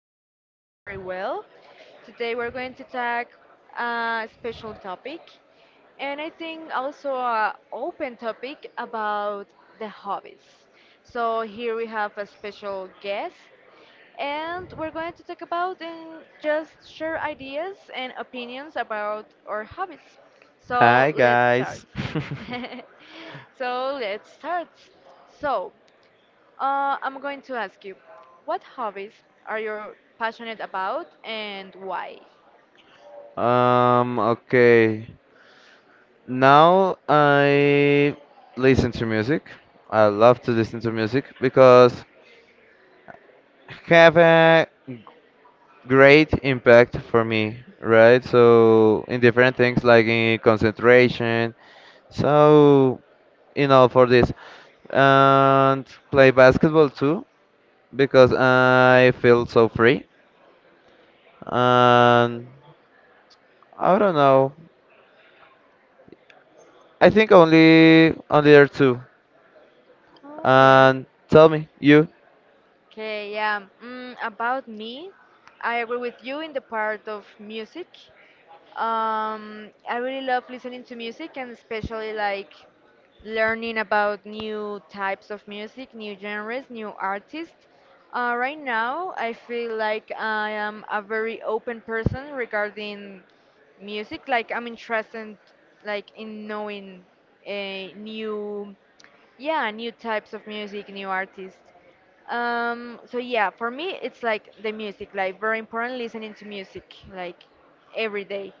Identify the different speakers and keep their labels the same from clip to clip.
Speaker 1: Hope you're doing very well. Today we're going to talk a special topic, and I think also a open topic about the hobbies. So here we have a special guest, and we're going to talk about and just share ideas and opinions about our hobbies. So
Speaker 2: Hi
Speaker 1: let's start.
Speaker 2: guys.
Speaker 1: So let's start. So I'm going to ask you, what hobbies are you passionate about and why?
Speaker 2: Okay. Now I listen to music. I love to listen to music because have a great impact for me, right? So in different things like in concentration. So, you know, for this, and play basketball too because I feel so free, and I don't know, I think only there are two.
Speaker 1: Okay.
Speaker 2: And tell me, you?
Speaker 1: Okay, yeah. About me, I agree with you in the part of music. I really love listening to music and especially like learning about new types of music, new genres, new artists. Right now, I feel like I am a very open person regarding music. Like I'm interested, like in knowing a new, yeah, new types of music, new artists. So yeah, for me it's like the music, like very important listening to music like every day.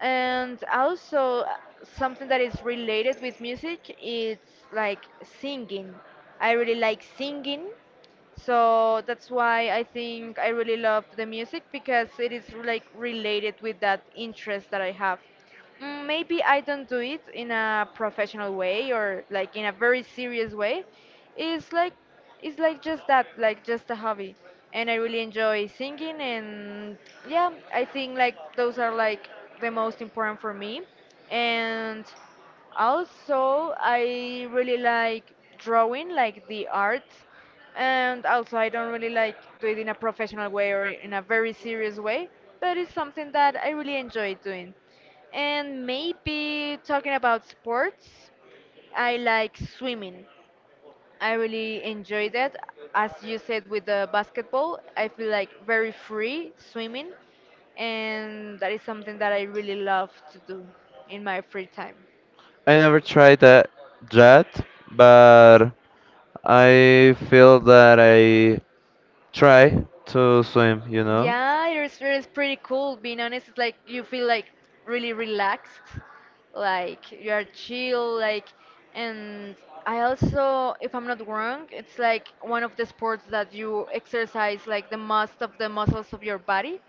Speaker 1: And also something that is related with music it's like singing. I really like singing, so that's why I think I really love the music because it is like related with that interest that I have. Maybe I don't do it in a professional way or like in a very serious way. It's like it's like just that, like just a hobby. And I really enjoy singing, and yeah, I think like those are like the most important for me. And also I really like drawing, like the art, and also I don't really like do it in a professional way or in a very serious way, but it's something that I really enjoy doing. And maybe talking about sports, I like swimming. I really enjoy that. As you said with the basketball, I feel like very free swimming, and that is something that I really love to do in my free time.
Speaker 2: I never tried that yet, but I feel that I try to swim. You know?
Speaker 1: Yeah, it's pretty cool. Being honest, it's like you feel like really relaxed, like you are chill, like. And I also, if I'm not wrong, it's like one of the sports that you exercise like the most of the muscles of your body.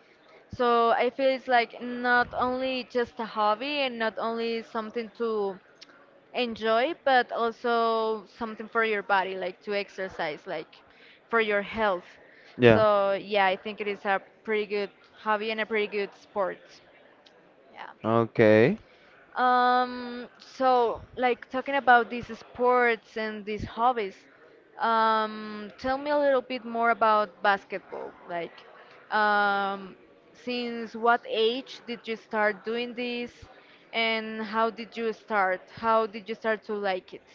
Speaker 1: So I feel it's like not only just a hobby and not only something to enjoy, but also something for your body, like to exercise, like for your health.
Speaker 2: Yeah.
Speaker 1: So yeah, I think it is a pretty good hobby and a pretty good sport. Yeah.
Speaker 2: Okay.
Speaker 1: So, like talking about these sports and these hobbies, tell me a little bit more about basketball. Like, um, since what age did you start doing this, and how did you start? How did you start to like it?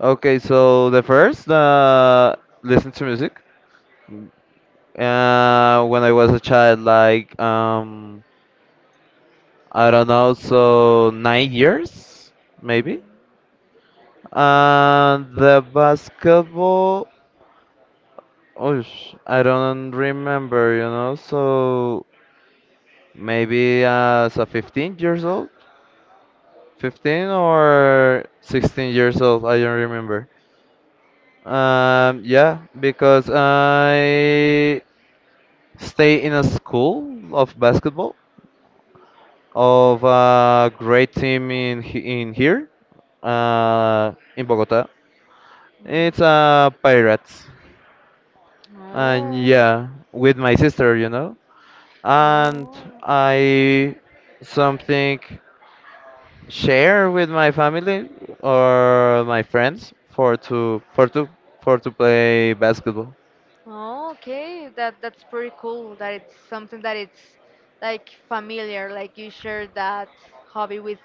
Speaker 2: Okay. So the first, listen to music. When I was a child, like I don't know, so 9 years
Speaker 1: Mm.
Speaker 2: maybe. And the basketball, oh, I don't remember. So maybe as a 15 years old, 15 or 16 years old, I don't remember. Yeah, because I stay in a school of basketball of a great team in in here, in Bogota. It's Pirates, and
Speaker 1: Oh,
Speaker 2: yeah, with my sister, and
Speaker 1: oh,
Speaker 2: I something share with my family or my friends for to play basketball.
Speaker 1: Oh, okay, that's pretty cool that it's something that it's like familiar, like you share that hobby with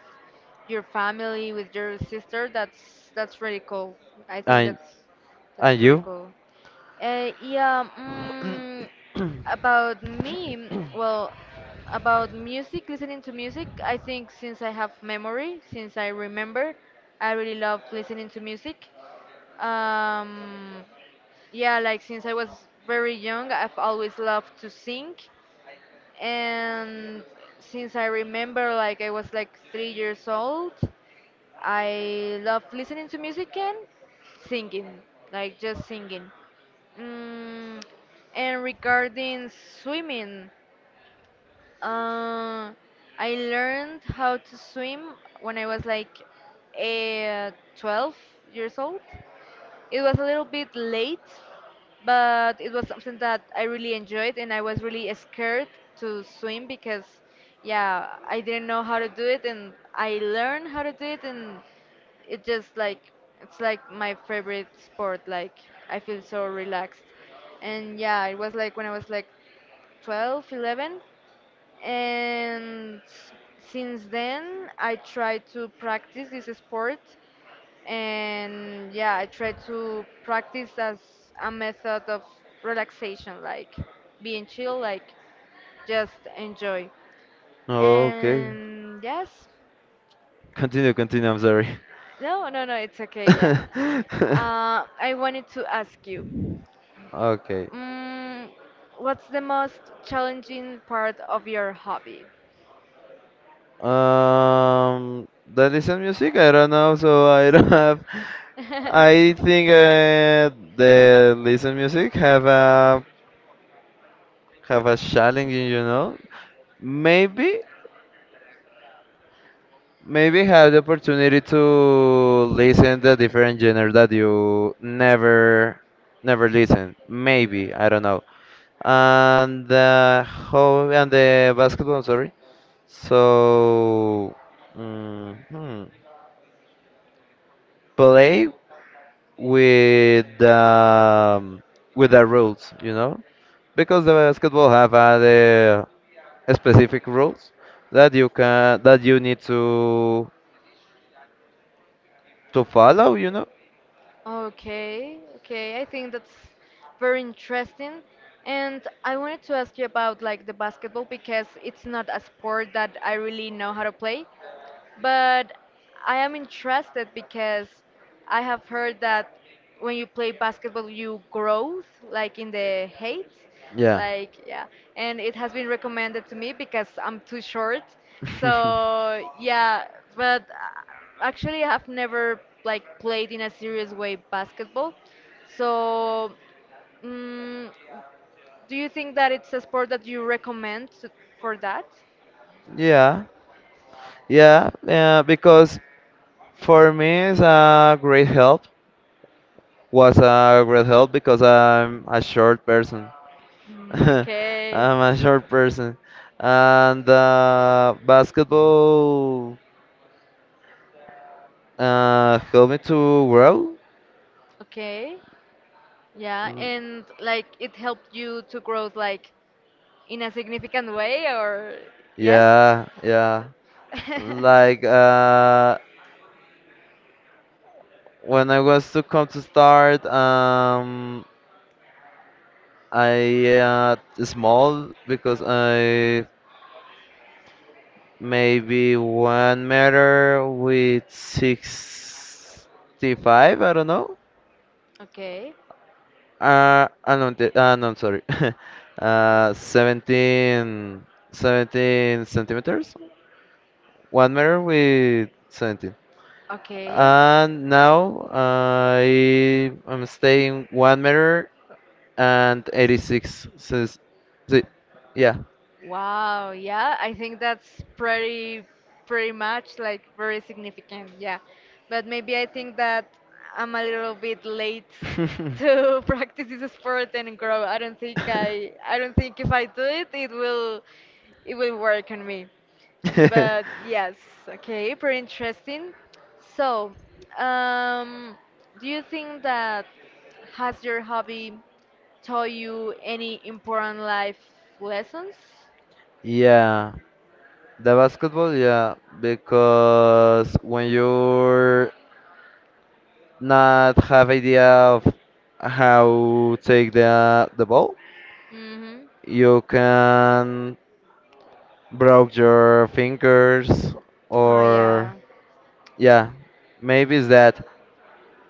Speaker 1: your family, with your sister. That's really cool. I think
Speaker 2: And
Speaker 1: that's
Speaker 2: and
Speaker 1: pretty
Speaker 2: you?
Speaker 1: cool. Uh, yeah, mm, about me, well, about music, listening to music, I think since I have memory, since I remember, I really love listening to music. Um, yeah, like since I was very young, I've always loved to sing. And since I remember, like I was like three years old, I love listening to music and singing, like just singing. Mm, and regarding swimming, uh, I learned how to swim when I was like eh, 12 years old. It was a little bit late, but it was something that I really enjoyed, and I was really scared to swim because, yeah, I didn't know how to do it, and I learned how to do it, and it just like it's like my favorite sport. Like I feel so relaxed, and yeah, it was like when I was like 12, 11, and since then I try to practice this sport, and yeah, I try to practice as a method of relaxation, like being chill, like just enjoy.
Speaker 2: Okay,
Speaker 1: And yes.
Speaker 2: continue, continue. I'm sorry.
Speaker 1: No, no, no, it's okay, yeah. I wanted to ask you,
Speaker 2: Okay.
Speaker 1: mm, what's the most challenging part of your hobby?
Speaker 2: Um, that listen music. I don't know, so I don't have. I think the listen music have a challenge. Maybe maybe have the opportunity to listen the different genre that you never listen. Maybe I don't know. And how and the basketball. Sorry. So. Mhm. Play? With with the rules, because the basketball have the specific rules that you need to follow.
Speaker 1: Okay, okay. I think that's very interesting. And I wanted to ask you about like the basketball because it's not a sport that I really know how to play. But I am interested because I have heard that when you play basketball, you grow like in the height,
Speaker 2: Yeah.
Speaker 1: like yeah. And it has been recommended to me because I'm too short. So yeah, but actually I've never like played in a serious way basketball. So mm, do you think that it's a sport that you recommend to- for that?
Speaker 2: Yeah, yeah, yeah. Because for me it's a great help. Was a great help because I'm a short person.
Speaker 1: Mm,
Speaker 2: I'm
Speaker 1: okay.
Speaker 2: a short person, and basketball helped me to grow.
Speaker 1: Okay. Yeah,
Speaker 2: Mm,
Speaker 1: and like it helped you to grow like in a significant way or yes?
Speaker 2: yeah, yeah. Like uh, When I was to come to start, I small because I maybe 1 meter with 65, I don't know.
Speaker 1: okay.
Speaker 2: No, no, I'm sorry. Seventeen centimeters. 1 meter with 17.
Speaker 1: Okay.
Speaker 2: And now I am staying 1 meter and 86 says, si- yeah.
Speaker 1: Wow, yeah, I think that's pretty much like very significant, yeah. But maybe I think that I'm a little bit late to practice this sport and grow. I don't think if I do it it will work on me. But yes, okay, pretty interesting. So, um, do you think that has your hobby taught you any important life lessons?
Speaker 2: Yeah, the basketball, yeah, because when you're not have idea of how take the ball,
Speaker 1: Mm-hmm.
Speaker 2: you can broke your fingers
Speaker 1: Oh yeah.
Speaker 2: or yeah, maybe it's that.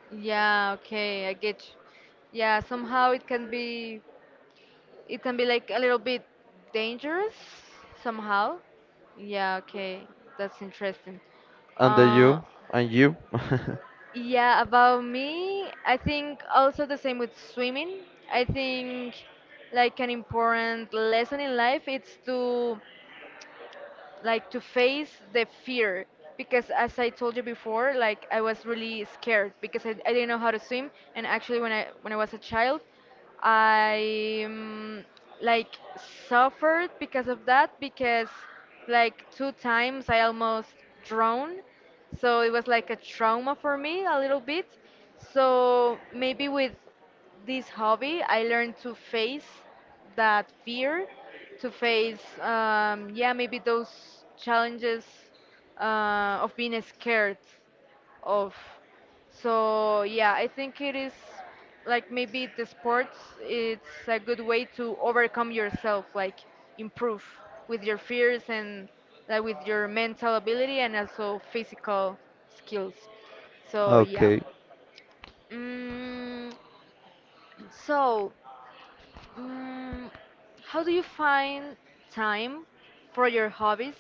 Speaker 1: Yeah, okay, I get you. Yeah, somehow it can be like a little bit dangerous somehow. Yeah, okay. That's interesting.
Speaker 2: And the
Speaker 1: Uh
Speaker 2: you and you.
Speaker 1: yeah, about me, I think also the same with swimming. I think like an important lesson in life it's to like to face the fear because as I told you before, like I was really scared because I didn't know how to swim, and actually when I was a child, I like suffered because of that because like two times I almost drowned. So it was like a trauma for me a little bit. So maybe with this hobby, I learned to face that fear, to face, yeah, maybe those challenges of being scared of. So, yeah, I think it is like maybe the sports, it's a good way to overcome yourself, like improve with your fears and like with your mental ability and also physical skills. So, yeah.
Speaker 2: Okay.
Speaker 1: Mm, so, Mm, how do you find time for your hobbies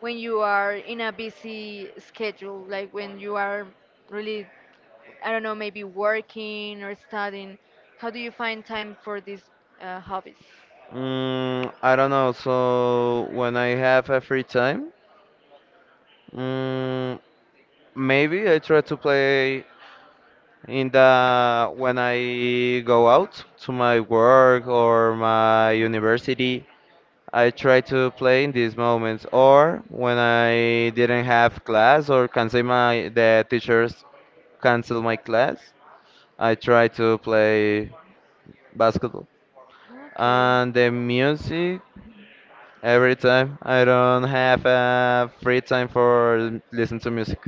Speaker 1: when you are in a busy schedule? Like when you are really, I don't know, maybe working or studying. How do you find time for these hobbies?
Speaker 2: I don't know. So when I have a free time, mm, maybe I try to play in the when I go out to my work or my university. I try to play in these moments, or when I didn't have class or cancel my the teachers cancel my class. I try to play basketball.
Speaker 1: Okay.
Speaker 2: And the music, every time. I don't have free time for listen to music.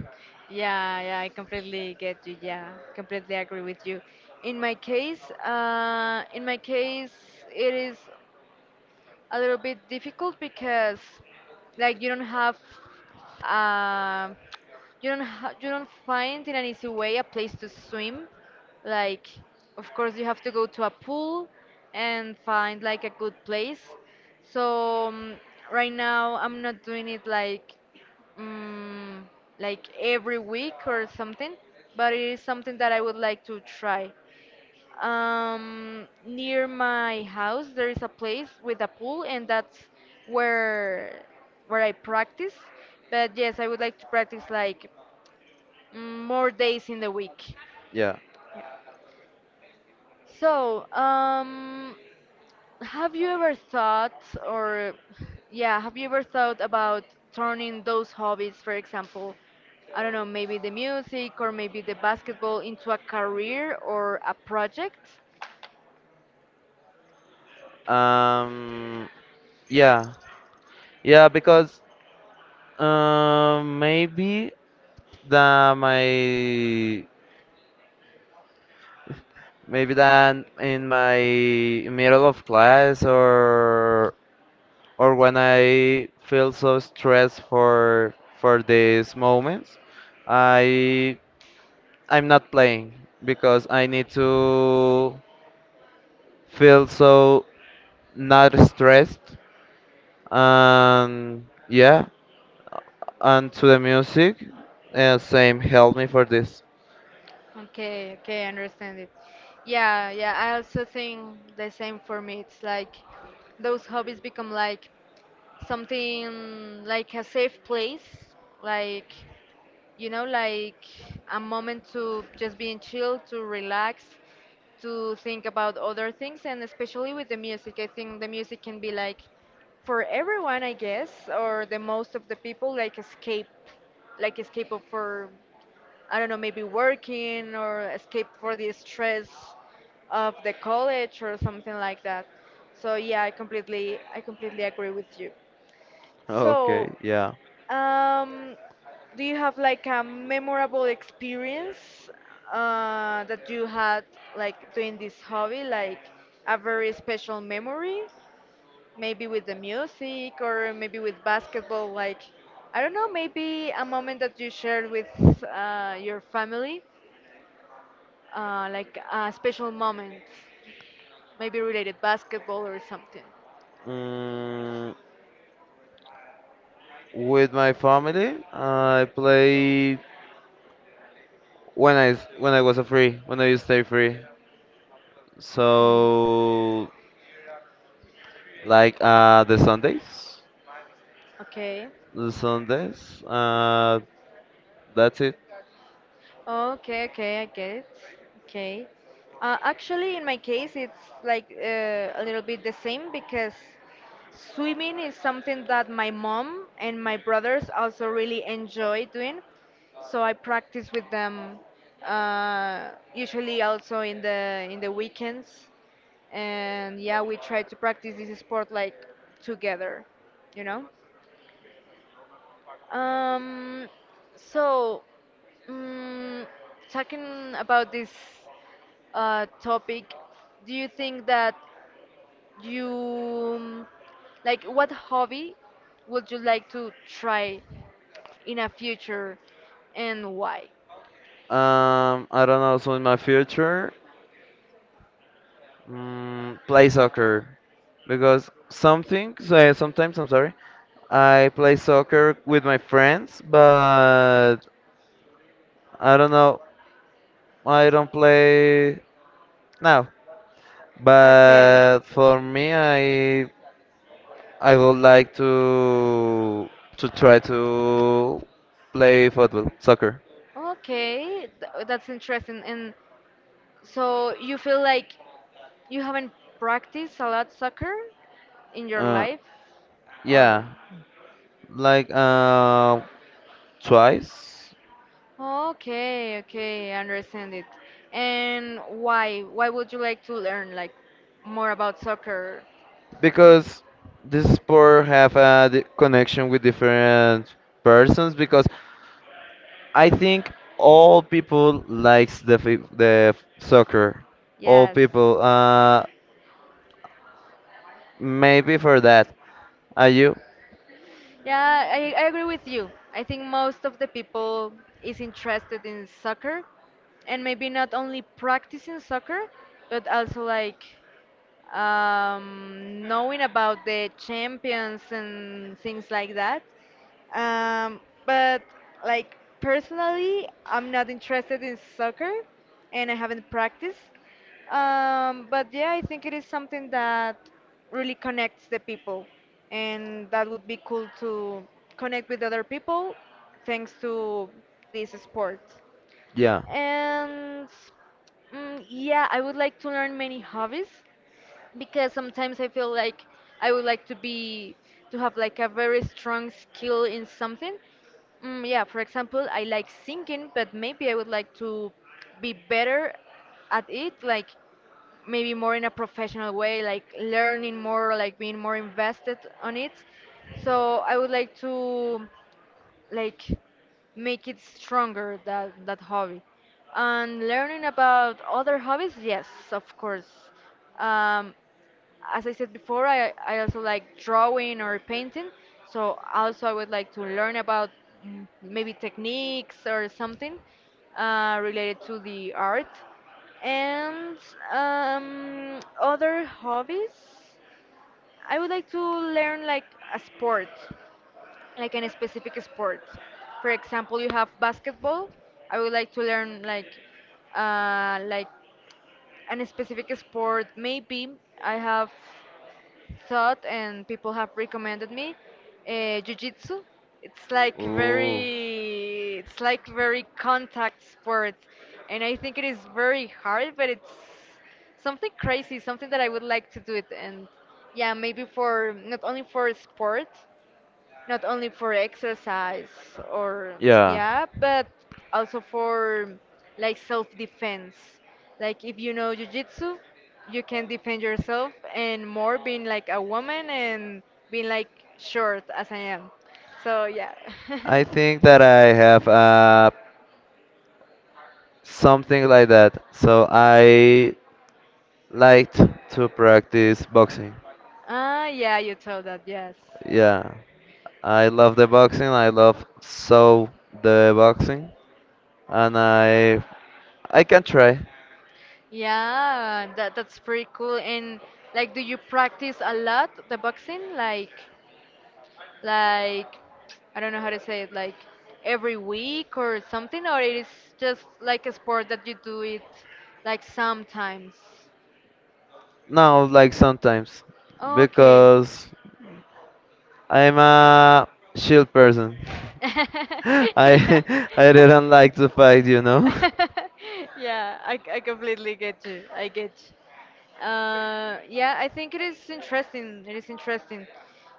Speaker 1: Yeah, yeah, I completely get you. Yeah, completely agree with you. In my case, it is a little bit difficult because like you don't have um you don't ha- you don't find in an easy way a place to swim, like of course you have to go to a pool and find like a good place, so right now I'm not doing it like mm, like every week or something, but it is something that I would like to try. Near my house there is a place with a pool, and that's where where I practice. But yes, I would like to practice like more days in the week.
Speaker 2: Yeah.
Speaker 1: Yeah. So, have you ever thought, or yeah, have you ever thought about turning those hobbies, for example, I don't know, maybe the music or maybe the basketball, into a career or a project?
Speaker 2: Um. Yeah. Yeah. Because um. Maybe that my maybe that in my middle of class or when I feel so stressed for these moments, I I'm not playing because I need to feel so not stressed, and yeah, and to the music same help me for this.
Speaker 1: Okay, okay, I understand it. Yeah, yeah, I also think the same for me. It's like those hobbies become like something like a safe place, like you know, like a moment to just being chill, to relax, to think about other things, and especially with the music. I think the music can be like for everyone, I guess, or the most of the people, like escape of for. I don't know, maybe working or escape for the stress of the college or something like that. So yeah, I completely agree with you.
Speaker 2: Okay,
Speaker 1: So,
Speaker 2: yeah.
Speaker 1: um, do you have like a memorable experience that you had like doing this hobby, like a very special memory, maybe with the music or maybe with basketball, like I don't know, maybe a moment that you shared with your family? Like a special moment, maybe related basketball or something.
Speaker 2: Mm, with my family i play when when I was a free when I used to stay free,
Speaker 1: Okay.
Speaker 2: so like the sundays
Speaker 1: Okay.
Speaker 2: the sundays that's it.
Speaker 1: Okay, okay, I get it. Okay. Actually, in my case, it's like a little bit the same because swimming is something that my mom and my brothers also really enjoy doing. So I practice with them usually also in the weekends, and yeah, we try to practice this sport like together, you know. Um, so. Mm, talking about this topic, do you think that you like what hobby would you like to try in a future and why?
Speaker 2: I don't know, so in my future, play soccer because something, so yeah, sometimes I'm sorry, I play soccer with my friends, but I don't know, I don't play now, but for me I would like to try to play football soccer.
Speaker 1: Okay, th- that's interesting. And so you feel like you haven't practiced a lot soccer in your
Speaker 2: uh
Speaker 1: life or?
Speaker 2: yeah, like twice.
Speaker 1: Okay, okay, I understand it. And why would you like to learn like more about soccer?
Speaker 2: Because this sport have a connection with different persons because I think all people likes the fi- the f- soccer. All
Speaker 1: Yes.
Speaker 2: people maybe for that. Are you?
Speaker 1: Yeah, I agree with you. I think most of the people is interested in soccer and maybe not only practicing soccer, but also like knowing about the champions and things like that. Um, but like personally, I'm not interested in soccer, and I haven't practiced. But yeah, I think it is something that really connects the people, and that would be cool to connect with other people thanks to this sport.
Speaker 2: Yeah.
Speaker 1: And yeah, I would like to learn many hobbies because sometimes I feel like I would like to have like a very strong skill in something. Yeah, for example, I like singing, but maybe I would like to be better at it, like maybe more in a professional way, like learning more, like being more invested on it. So I would like to like make it stronger that hobby and learning about other hobbies, yes of course, um, as I said before I also like drawing or painting, so also I would like to learn about maybe techniques or something related to the art, and other hobbies I would like to learn like a sport, like in a specific sport. For example, you have basketball. I would like to learn like uh, like an specific sport. Maybe I have thought and people have recommended me jiu-jitsu.
Speaker 2: Ooh.
Speaker 1: It's like very contact sport, and I think it is very hard, but it's something crazy, something that I would like to do it. And yeah, maybe for not only for sport, not only for exercise or
Speaker 2: Yeah.
Speaker 1: yeah, but also for like self defense, like if you know jujitsu, you can defend yourself, and more being like a woman and being like short as I am, so yeah.
Speaker 2: I think that I have something like that. So I liked to practice boxing.
Speaker 1: Ah yeah, you told that, yes.
Speaker 2: Yeah. I love the boxing. I love so the boxing. And I can try.
Speaker 1: Yeah, that's pretty cool. And like, do you practice a lot the boxing, like, I don't know how to say it, like every week or something, or it is just like a sport that you do it like sometimes.
Speaker 2: No, like sometimes,
Speaker 1: Okay.
Speaker 2: because I'm a shield person.
Speaker 1: Yeah.
Speaker 2: I I didn't like to fight.
Speaker 1: Yeah, I completely get you. I get you. Yeah, I think it is interesting. It is interesting.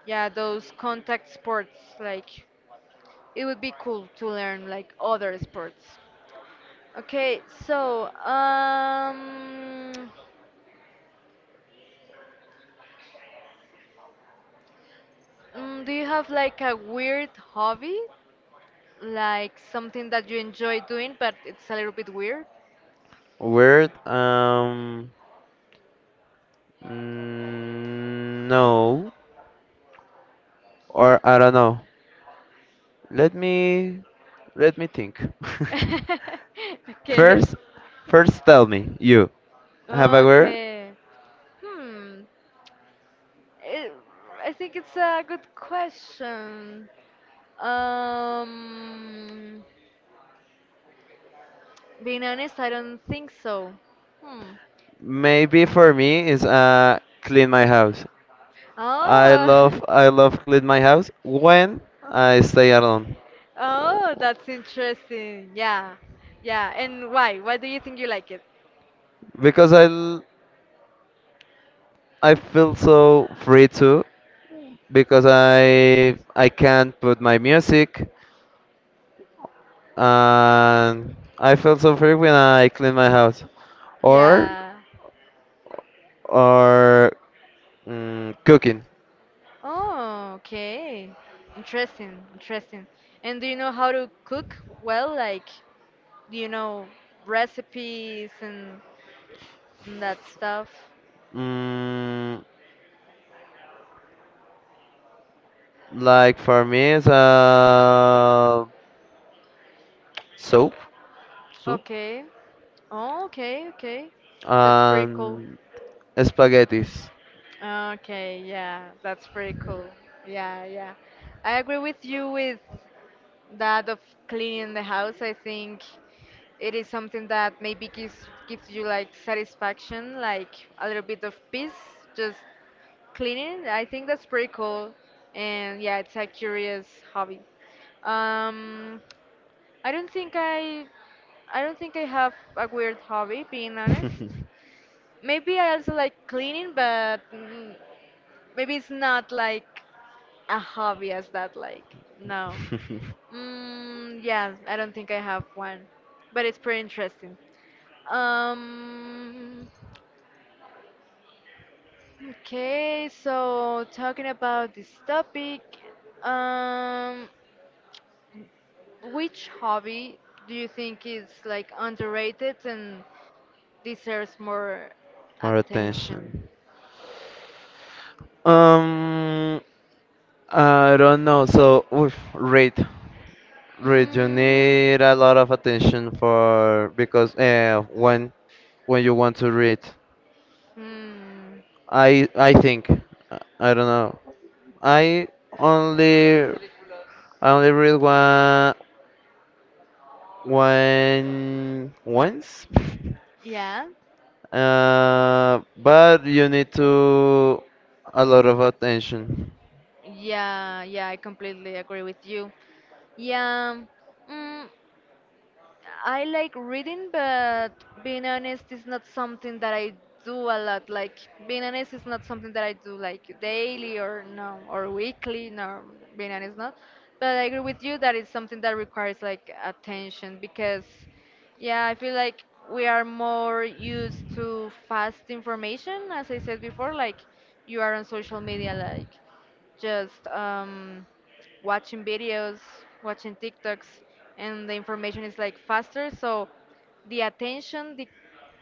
Speaker 1: Yeah, those contact sports, like, it would be cool to learn like other sports. Okay, so do you have like a weird hobby, like something that you enjoy doing, but it's a little bit weird?
Speaker 2: Weird. No, or I don't know. Let me let me think.
Speaker 1: Okay,
Speaker 2: first, first, tell me you have a word.
Speaker 1: okay. Hmm. It, I think it's a good question. Um, Being honest, I don't think so. Hmm.
Speaker 2: Maybe for me is clean my house. I
Speaker 1: Oh.
Speaker 2: love I love clean my house when I stay alone.
Speaker 1: Oh, that's interesting. Yeah. Yeah. And why? Why do you think you like it?
Speaker 2: Because I feel so free too because I can put my music and I feel so free when I clean my house or
Speaker 1: Yeah.
Speaker 2: or cooking.
Speaker 1: Oh, okay. Interesting. Interesting. And do you know how to cook well? Like, do you know recipes and that stuff?
Speaker 2: Mm, Like for me, it's soup, soup,
Speaker 1: Okay. Oh, okay. Okay. That's pretty cool.
Speaker 2: and spaghettis.
Speaker 1: Okay, yeah, that's pretty cool. Yeah, yeah. I agree with you with that of cleaning the house. I think it is something that maybe gives you like satisfaction, like a little bit of peace, just cleaning. I think that's pretty cool. And yeah, it's a curious hobby. Um, I don't think I don't think I have a weird hobby, being
Speaker 2: maybe
Speaker 1: honest. Maybe I also like cleaning, but maybe it's not like a hobby as that, like, no. Yeah, I don't think I have one, but it's pretty interesting. Um, okay, so talking about this topic, um, which hobby do you think is like underrated and deserves more
Speaker 2: More
Speaker 1: attention?
Speaker 2: attention. Um, I don't know. So, oof, rate. You
Speaker 1: Mm.
Speaker 2: need a lot of attention for because when you want to read,
Speaker 1: Hmm.
Speaker 2: I think I don't know. I only I only read one once.
Speaker 1: Yeah.
Speaker 2: But you need to a lot of attention.
Speaker 1: Yeah. Yeah, I completely agree with you. Yeah. Mm, I like reading, but being honest is not something that I do a lot. Like being honest is not something that I do like daily or no or weekly. No, being honest not. But I agree with you that it's something that requires like attention because, yeah, I feel like we are more used to fast information, as I said before. Like you are on social media, like just watching videos, watching TikToks, and the information is like faster. So the attention,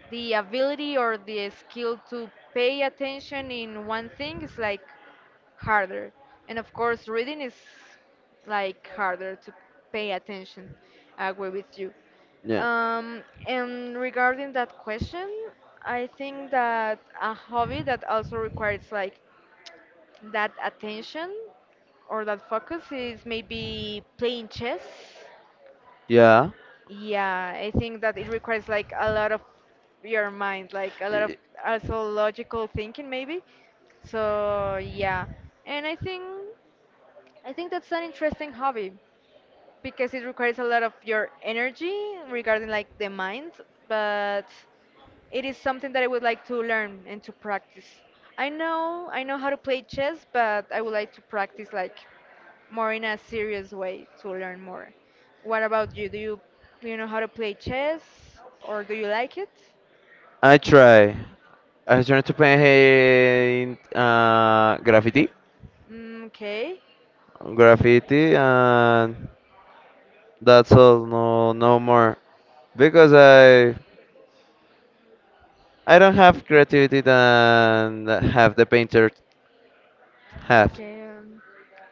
Speaker 1: the ability or the skill to pay attention in one thing is like harder. And of course, reading is like harder to pay attention. I agree with you.
Speaker 2: Yeah.
Speaker 1: Um, and regarding that question, I think that a hobby that also requires like that attention or that focus is maybe playing chess.
Speaker 2: Yeah.
Speaker 1: Yeah, I think that it requires like a lot of your mind, like a lot of
Speaker 2: Y-
Speaker 1: also logical thinking maybe. So yeah, and I think that's an interesting hobby because it requires a lot of your energy regarding like the mind, but it is something that I would like to learn and to practice. I know how to play chess, but I would like to practice like more in a serious way to learn more. What about you? Do you know how to play chess or do you like it?
Speaker 2: I try. I tried to paint graffiti.
Speaker 1: Okay.
Speaker 2: Graffiti, and that's all. No, no more. Because I don't have creativity than have the painter have.
Speaker 1: Okay.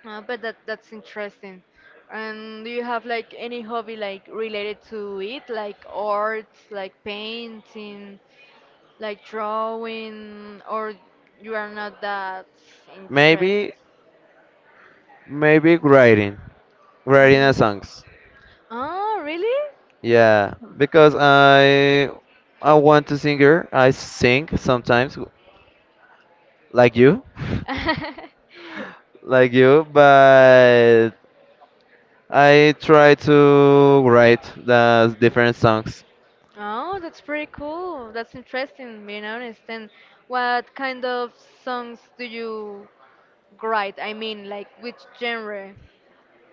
Speaker 1: But that's interesting. And do you have like any hobby like related to it, like arts, like painting, like drawing, or you are not that interested?
Speaker 2: Maybe maybe writing a
Speaker 1: Mm.
Speaker 2: songs.
Speaker 1: Oh, really?
Speaker 2: Yeah, because I want to singer. I sing sometimes, like you, like you. But I try to write the different songs.
Speaker 1: Oh, that's pretty cool. That's interesting, being honest. And what kind of songs do you write? I mean, like which genre?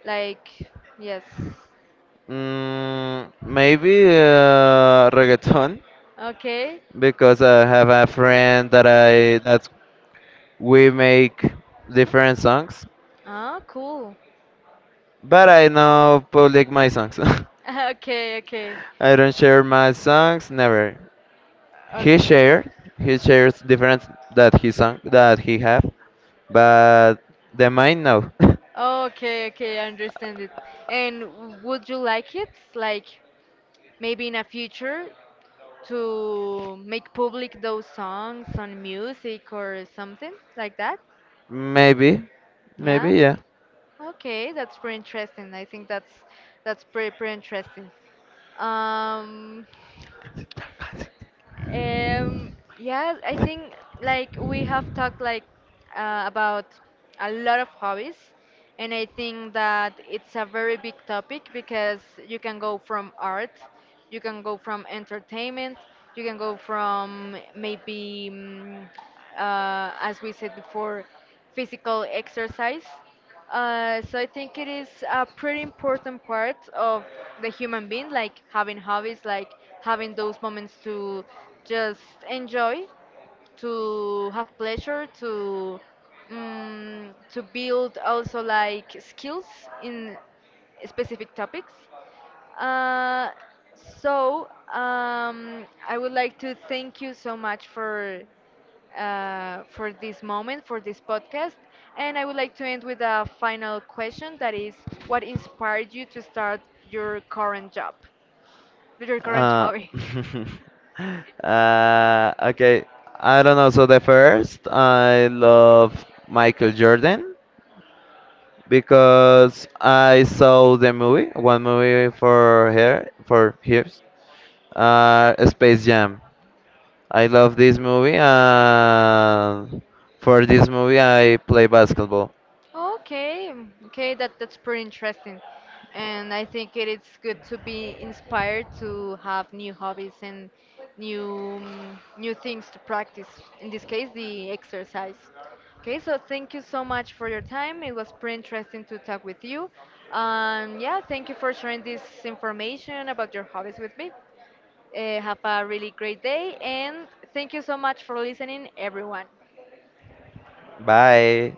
Speaker 1: Like, yes.
Speaker 2: Maybe reggaeton.
Speaker 1: Okay.
Speaker 2: Because I have a friend that I that we make different songs,
Speaker 1: Ah, cool.
Speaker 2: but I know public my songs.
Speaker 1: Okay, okay.
Speaker 2: I don't share my songs never. He
Speaker 1: Okay.
Speaker 2: shared he shares different that he song that he have, but the mine no.
Speaker 1: Okay, okay, I understand it. And w- would you like it, like maybe in a future, to make public those songs on music or something like that?
Speaker 2: maybe, maybe,
Speaker 1: Yeah.
Speaker 2: yeah.
Speaker 1: Okay, that's pretty interesting. I think that's pretty pretty interesting. Um, Um, yeah, I think like we have talked like about a lot of hobbies, and I think that it's a very big topic because you can go from art, you can go from entertainment, you can go from maybe as we said before, physical exercise. So I think it is a pretty important part of the human being, like having hobbies, like having those moments to just enjoy, to have pleasure, to build also like skills in specific topics. Uh, I would like to thank you so much for this moment, for this podcast, and I would like to end with a final question that is, what inspired you to start your current job, your current
Speaker 2: Uh,
Speaker 1: hobby?
Speaker 2: okay, I don't know. So the first, I love Michael Jordan. Because I saw the movie, one movie for hers, Space Jam. I love this movie, and for this movie, I play basketball.
Speaker 1: Okay, okay, that's pretty interesting. And I think it is good to be inspired to have new hobbies and new new things to practice. In this case, the exercise. Okay, so thank you so much for your time. It was pretty interesting to talk with you. Yeah, thank you for sharing this information about your hobbies with me. Have a really great day, and thank you so much for listening, everyone.
Speaker 2: Bye.